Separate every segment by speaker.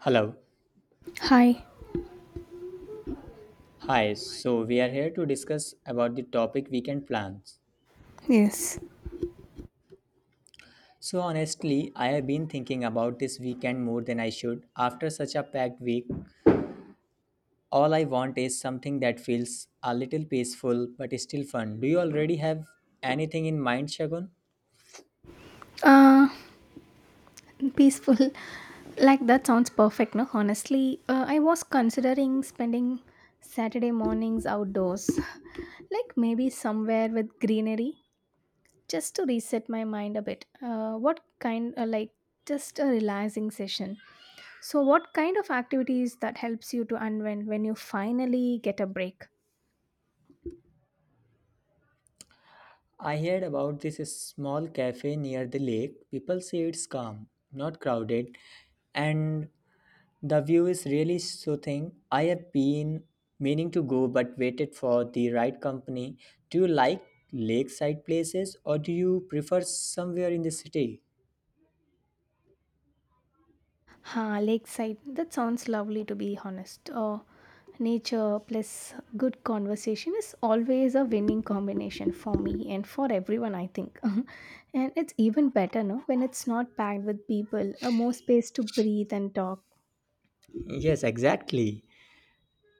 Speaker 1: Hello.
Speaker 2: Hi.
Speaker 1: Hi. So we are here to discuss about the topic weekend plans.
Speaker 2: Yes.
Speaker 1: So honestly, I have been thinking about this weekend more than I should. After such a packed week, all I want is something that feels a little peaceful but still fun. Do you already have anything in mind, Shagun?
Speaker 2: Uh, peaceful. Like that sounds perfect, no? Honestly, I was considering spending Saturday mornings outdoors, like maybe somewhere with greenery, just to reset my mind a bit. Like just a relaxing session. So, what kind of activities that helps you to unwind when you finally get a break?
Speaker 1: I heard about this small cafe near the lake. People say it's calm, not crowded, and the view is really soothing. I have been meaning to go but waited for the right company. Do you like lakeside places or do you prefer somewhere in the city?
Speaker 2: Ha, lakeside. That sounds lovely to be honest. Nature plus good conversation is always a winning combination for me and for everyone, I think. And it's even better, no, when it's not packed with people, more space to breathe and talk.
Speaker 1: Yes, exactly.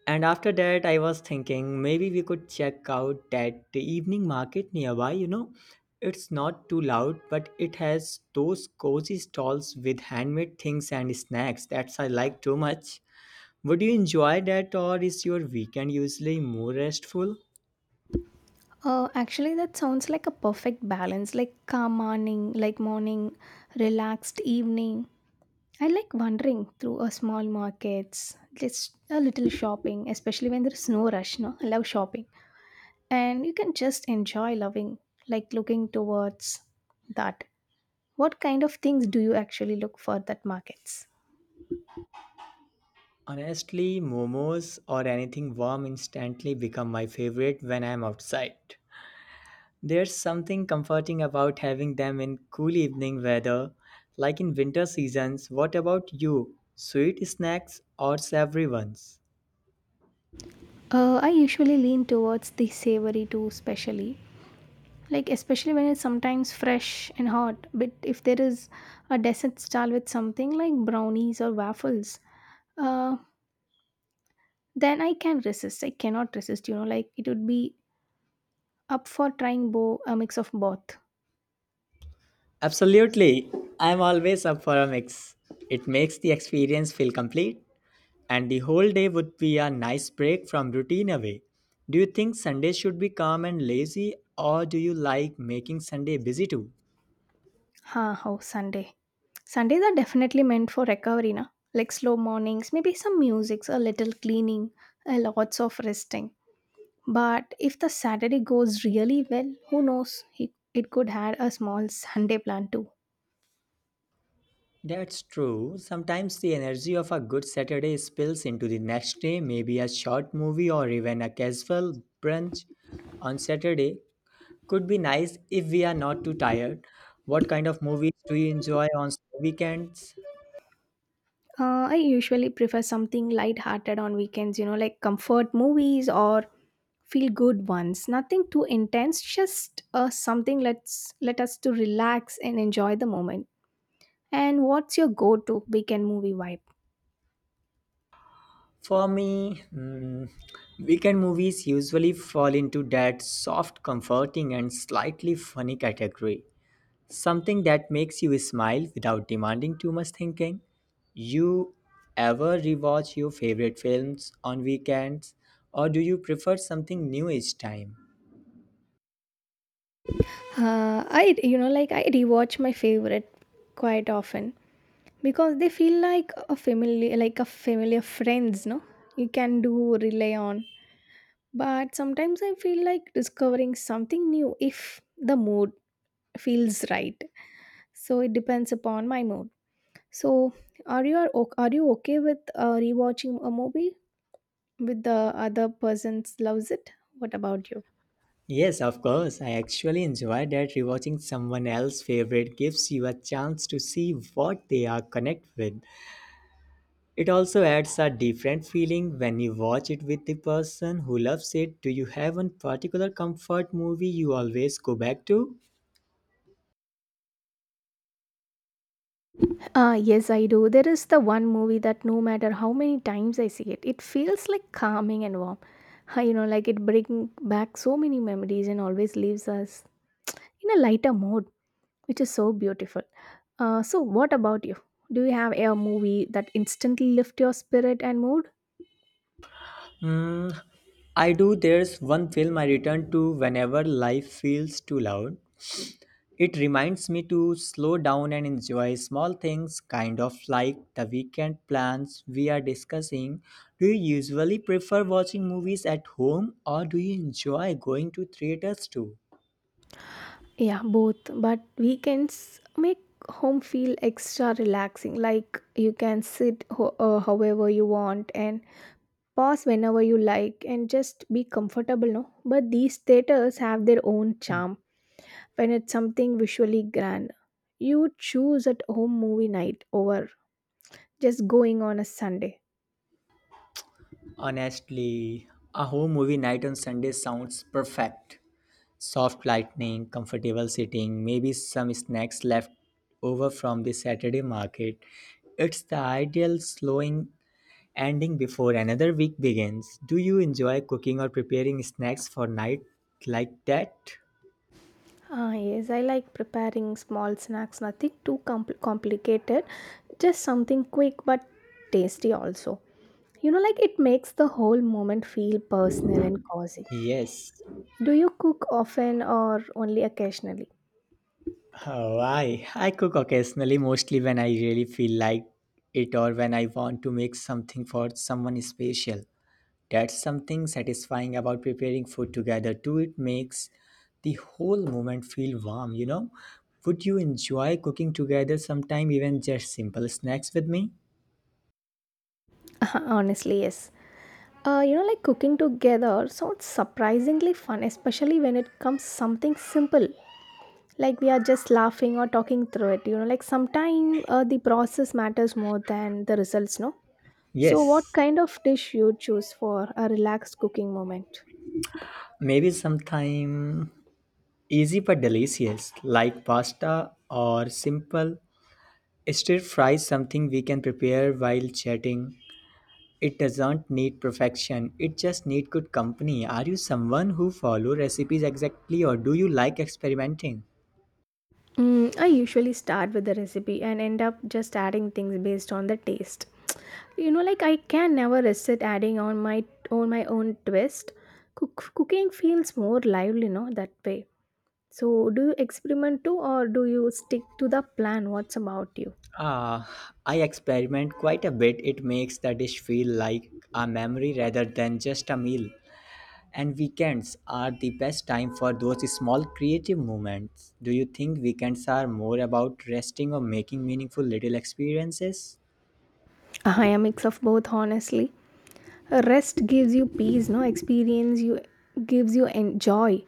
Speaker 1: And after that, I was thinking maybe we could check out that the evening market nearby. You know, it's not too loud, but it has those cozy stalls with handmade things and snacks that I like too much. Would you enjoy that, or is your weekend usually more restful?
Speaker 2: Actually, that sounds like a perfect balance, like calm morning, like morning, relaxed evening. I like wandering through a small markets, just a little shopping, especially when there's no rush. No, I love shopping and you can just enjoy loving like looking towards that, what kind of things do you actually look for that markets?
Speaker 1: Honestly, momos or anything warm instantly become my favorite when I'm outside. There's something comforting about having them in cool evening weather, like in winter seasons. What about you? Sweet snacks or savory ones?
Speaker 2: I usually lean towards the savory too, especially like especially when it's sometimes fresh and hot. But if there is a dessert style with something like brownies or waffles, uh, then I cannot resist, you know, like it would be up for trying a mix of both.
Speaker 1: Absolutely. I'm always up for a mix. It makes the experience feel complete, and the whole day would be a nice break from routine away. Do you think Sunday should be calm and lazy, or do you like making Sunday busy too?
Speaker 2: Huh, oh, Sunday. Sundays are definitely meant for recovery, na? Like slow mornings, maybe some music, a little cleaning, a lots of resting. But if the Saturday goes really well, who knows? It could add a small Sunday plan too.
Speaker 1: That's true. Sometimes the energy of a good Saturday spills into the next day. Maybe a short movie or even a casual brunch on Saturday could be nice if we are not too tired. What kind of movies do you enjoy on weekends?
Speaker 2: I usually prefer something light-hearted on weekends, you know, like comfort movies or feel good ones. Nothing too intense, just something let's let us to relax and enjoy the moment. And what's your go-to weekend movie vibe?
Speaker 1: For me, weekend movies usually fall into that soft, comforting, and slightly funny category. Something that makes you smile without demanding too much thinking. You ever rewatch your favorite films on weekends or do you prefer something new each time?
Speaker 2: I, you know, like I rewatch my favorite quite often because they feel like a familiar friends, no, you can do rely on. But sometimes I feel like discovering something new if the mood feels right, so it depends upon my mood. So are you okay with rewatching a movie with the other person's loves it? What about you?
Speaker 1: Yes, of course. I actually enjoy that rewatching someone else's favorite gives you a chance to see what they are connected with. It also adds a different feeling when you watch it with the person who loves it. Do you have one particular comfort movie you always go back to?
Speaker 2: Ah, yes, I do. There is the one movie that no matter how many times I see it, it feels like calming and warm. Ah, you know, like it brings back so many memories and always leaves us in a lighter mode, which is so beautiful. So, what about you? Do you have a movie that instantly lifts your spirit and mood?
Speaker 1: Hmm, I do. There's one film I return to whenever life feels too loud. It reminds me to slow down and enjoy small things, kind of like the weekend plans we are discussing. Do you usually prefer watching movies at home or do you enjoy going to theaters too?
Speaker 2: Yeah, both. But weekends make home feel extra relaxing. Like you can sit however you want and pause whenever you like and just be comfortable, no? But these theaters have their own charm when it's something visually grand. You choose at home movie night over just going on a Sunday.
Speaker 1: Honestly, a home movie night on Sunday sounds perfect. Soft lighting, comfortable sitting, maybe some snacks left over from the Saturday market. It's the ideal slowing ending before another week begins. Do you enjoy cooking or preparing snacks for night like that?
Speaker 2: Ah, yes, I like preparing small snacks, nothing too complicated, just something quick but tasty also. You know, like it makes the whole moment feel personal and cozy.
Speaker 1: Yes.
Speaker 2: Do you cook often or only occasionally?
Speaker 1: Oh, I cook occasionally, mostly when I really feel like it or when I want to make something for someone special. That's something satisfying about preparing food together too. It makes the whole moment feel warm, you know. Would you enjoy cooking together sometime, even just simple snacks with me?
Speaker 2: Honestly, yes. You know, like cooking together sounds surprisingly fun, especially when it comes something simple. Like we are just laughing or talking through it. You know, like sometimes the process matters more than the results, no? So, what
Speaker 1: Yes,
Speaker 2: kind of dish you choose for a relaxed cooking moment?
Speaker 1: maybe sometime easy but delicious, like pasta or simple stir fry, something we can prepare while chatting. It doesn't need perfection, it just need good company. Are you someone who follow recipes exactly or do you like experimenting?
Speaker 2: Mm, I usually start with the recipe and end up just adding things based on the taste. You know, like I can never resist adding on my own twist. Cooking feels more lively, you know, that way. So, do you experiment too, or do you stick to the plan? What's about you?
Speaker 1: Uh, I experiment quite a bit. It makes the dish feel like a memory rather than just a meal. And weekends are the best time for those small creative moments. Do you think weekends are more about resting or making meaningful little experiences?
Speaker 2: I am a mix of both, honestly. Rest gives you peace, no, experience you gives you joy,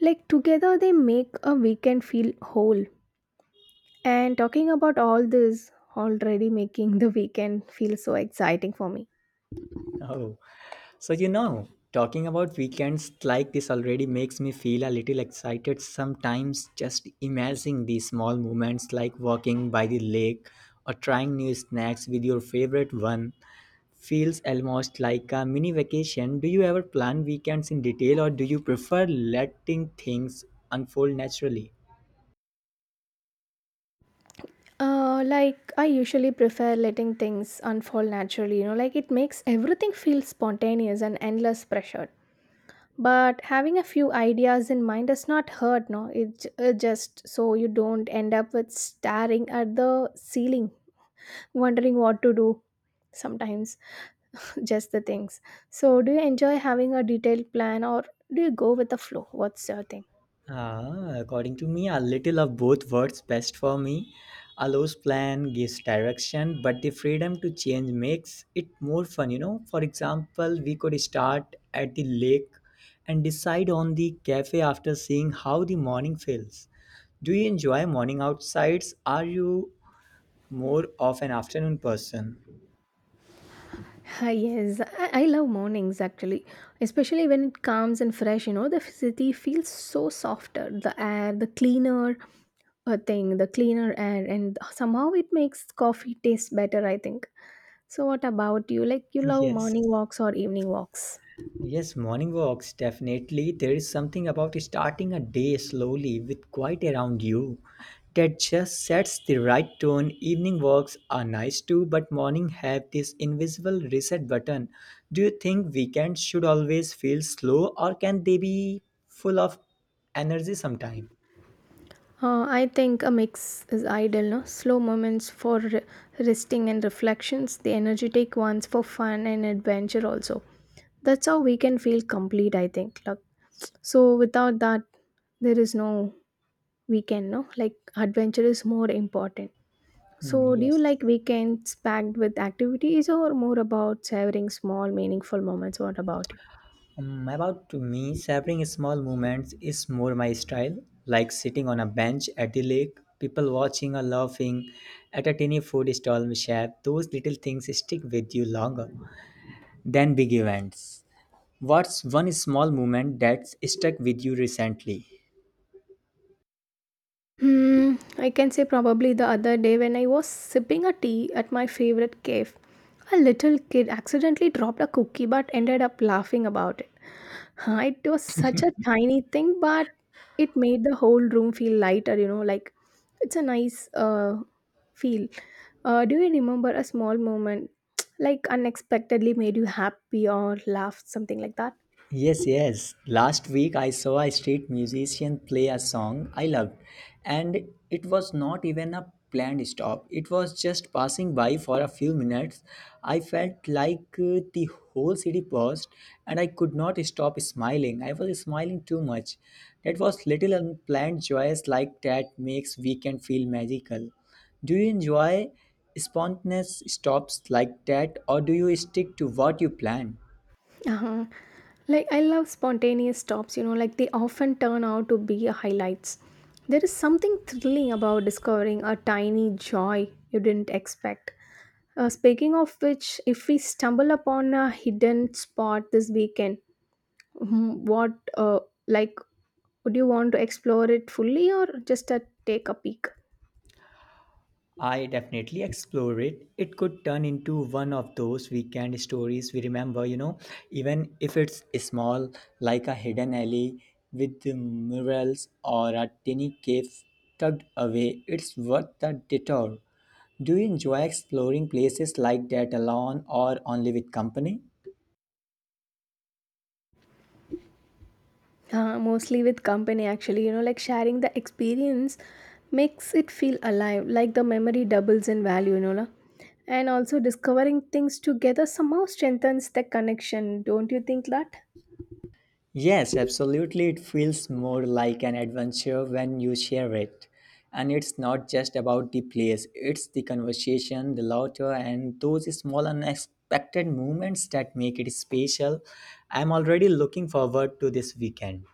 Speaker 2: like together they make a weekend feel whole. And talking about all this already making the weekend feel so exciting for me.
Speaker 1: Oh, so you know, talking about weekends like this already makes me feel a little excited, sometimes just imagining these small moments, like walking by the lake or trying new snacks with your favorite one, feels almost like a mini vacation. Do you ever plan weekends in detail or do you prefer letting things unfold naturally?
Speaker 2: Like I usually prefer letting things unfold naturally, you know, like it makes everything feel spontaneous and endless pressure. But having a few ideas in mind does not hurt, no, just so you don't end up with staring at the ceiling wondering what to do sometimes. Just the things. So do you enjoy having a detailed plan or do you go with the flow? What's your thing?
Speaker 1: Ah, according to me, a little of both works best for me. Allows plan, gives direction, but the freedom to change makes it more fun, you know. For example, we could start at the lake and decide on the cafe after seeing how the morning feels. Do you enjoy morning outsides? Are you more of an afternoon person?
Speaker 2: Ah, yes, I love mornings actually, especially when it calms and fresh. You know, the city feels so softer, the air, the cleaner the cleaner air, and somehow it makes coffee taste better, I think. So, what about you? Like, you love
Speaker 1: Yes.
Speaker 2: morning walks or evening walks?
Speaker 1: Yes, morning walks, definitely. There is something about starting a day slowly with quiet around you that just sets the right tone. Evening walks are nice too, but morning have this invisible reset button. Do you think weekends should always feel slow or can they be full of energy sometime?
Speaker 2: I think a mix is ideal, no? Slow moments for resting and reflections, the energetic ones for fun and adventure also. That's how we can feel complete, I think. Like, so without that, there is no weekend, no? Like adventure is more important.
Speaker 1: Hmm,
Speaker 2: So do you
Speaker 1: yes.
Speaker 2: like weekends packed with activities or more about savoring small meaningful moments? What about you?
Speaker 1: About to me, savoring small moments is more my style, like sitting on a bench at the lake, people watching or laughing at a tiny food stall we share. Those little things stick with you longer than big events. What's one small moment that's stuck with you recently?
Speaker 2: Hmm, I can say probably the other day when I was sipping a tea at my favorite cave, a little kid accidentally dropped a cookie but ended up laughing about it. Huh, it was such a tiny thing, but it made the whole room feel lighter, you know, like it's a nice feel. Do you remember a small moment like unexpectedly made you happy or laughed, something like that?
Speaker 1: Yes, yes. Last week I saw a street musician play a song I loved, and it was not even a planned stop. It was just passing by for a few minutes. I felt like the whole city paused, and I could not stop smiling. I was smiling too much. That was little unplanned joys like that makes weekend feel magical. Do you enjoy spontaneous stops like that, or do you stick to what you plan?
Speaker 2: Uh-huh. Like I love spontaneous stops, you know, like they often turn out to be highlights. There is something thrilling about discovering a tiny joy you didn't expect. Speaking of which, if we stumble upon a hidden spot this weekend, mhm, what uh, like would you want to explore it fully or just a, take a peek?
Speaker 1: I definitely explore it. It could turn into one of those weekend stories we remember, you know, even if it's small, like a hidden alley with the murals or a tiny cave tucked away. It's worth the detour. Do you enjoy exploring places like that alone or only with company?
Speaker 2: Mostly with company actually, you know, like sharing the experience makes it feel alive, like the memory doubles in value, you know, la? And also discovering things together somehow strengthens the connection, don't you think that?
Speaker 1: Yes, absolutely. It feels more like an adventure when you share it. And it's not just about the place, it's the conversation, the laughter, and those small unexpected moments that make it special. I'm already looking forward to this weekend.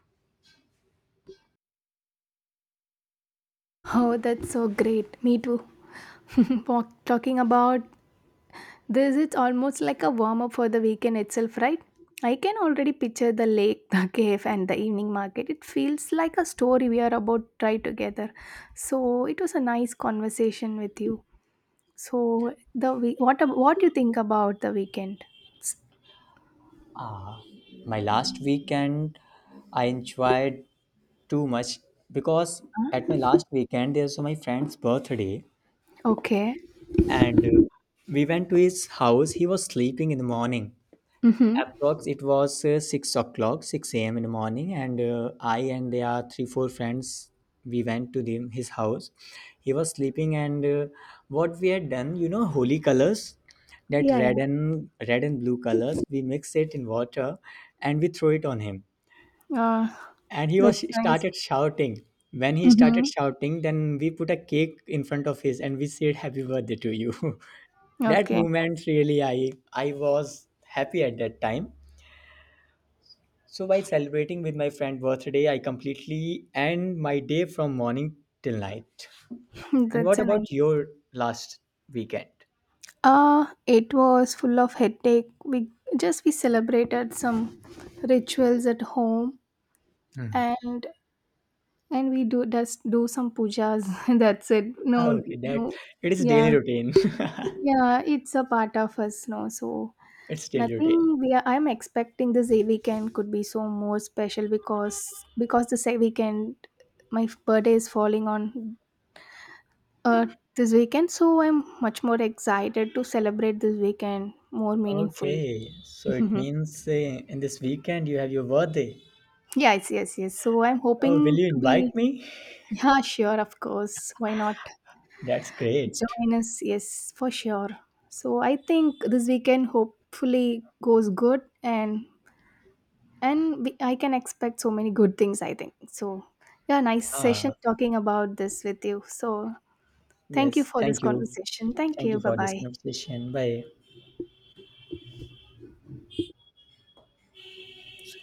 Speaker 2: Oh, that's so great, me too. Talking about this, it's almost like a warm up for the weekend itself, right? I can already picture the lake, the cave and the evening market. It feels like a story we are about to try together. So it was a nice conversation with you. So the what you think about the weekend?
Speaker 1: My last weekend, I enjoyed too much, because at my last weekend, there was my friend's birthday,
Speaker 2: Okay.
Speaker 1: and we went to his house. He was sleeping in the morning.
Speaker 2: Mm-hmm.
Speaker 1: Approx it was 6 o'clock, 6 a.m. in the morning, and I and there are three four friends. We went to his house. He was sleeping, and what we had done, you know, holy colors, that
Speaker 2: Yeah, yeah.
Speaker 1: red and blue colors we mix it in water, and we throw it on him.
Speaker 2: Uh,
Speaker 1: And he was
Speaker 2: that's nice.
Speaker 1: started shouting. When he
Speaker 2: Mm-hmm.
Speaker 1: started shouting, then we put a cake in front of his and we said happy birthday to you. That
Speaker 2: Okay,
Speaker 1: moment, really, I was happy at that time. So while celebrating with my friend birthday, I completely end my day from morning till night. And
Speaker 2: that's
Speaker 1: what
Speaker 2: a nice.
Speaker 1: about your last weekend?
Speaker 2: It was full of headache. We celebrated some rituals at home,
Speaker 1: Hmm.
Speaker 2: and we do just do some pujas. That's it. No,
Speaker 1: Okay, that
Speaker 2: no.
Speaker 1: it is
Speaker 2: Yeah,
Speaker 1: daily routine.
Speaker 2: yeah. It's a part of us, no. So
Speaker 1: It's daily routine.
Speaker 2: nothing. We are, I'm expecting this weekend could be so more special, because this weekend my birthday is falling on uh, this weekend, so I'm much more excited to celebrate this weekend more meaningfully.
Speaker 1: Okay, so it
Speaker 2: Mhm.
Speaker 1: means in this weekend you have your birthday.
Speaker 2: Yes, yes, yes. So I'm
Speaker 1: Oh, will
Speaker 2: hoping
Speaker 1: you
Speaker 2: to
Speaker 1: invite
Speaker 2: be
Speaker 1: me?
Speaker 2: yeah, sure, of course. Why not
Speaker 1: That's great.
Speaker 2: join us? Yes, for sure. So I think this weekend hopefully goes good, and we, I can expect so many good things I think so. Yeah, nice session
Speaker 1: Ah,
Speaker 2: talking about this with you. So thank you
Speaker 1: yes.
Speaker 2: for this
Speaker 1: Thank you.
Speaker 2: conversation, thank
Speaker 1: Thank
Speaker 2: you,
Speaker 1: you
Speaker 2: bye
Speaker 1: for this
Speaker 2: bye.
Speaker 1: conversation. Bye.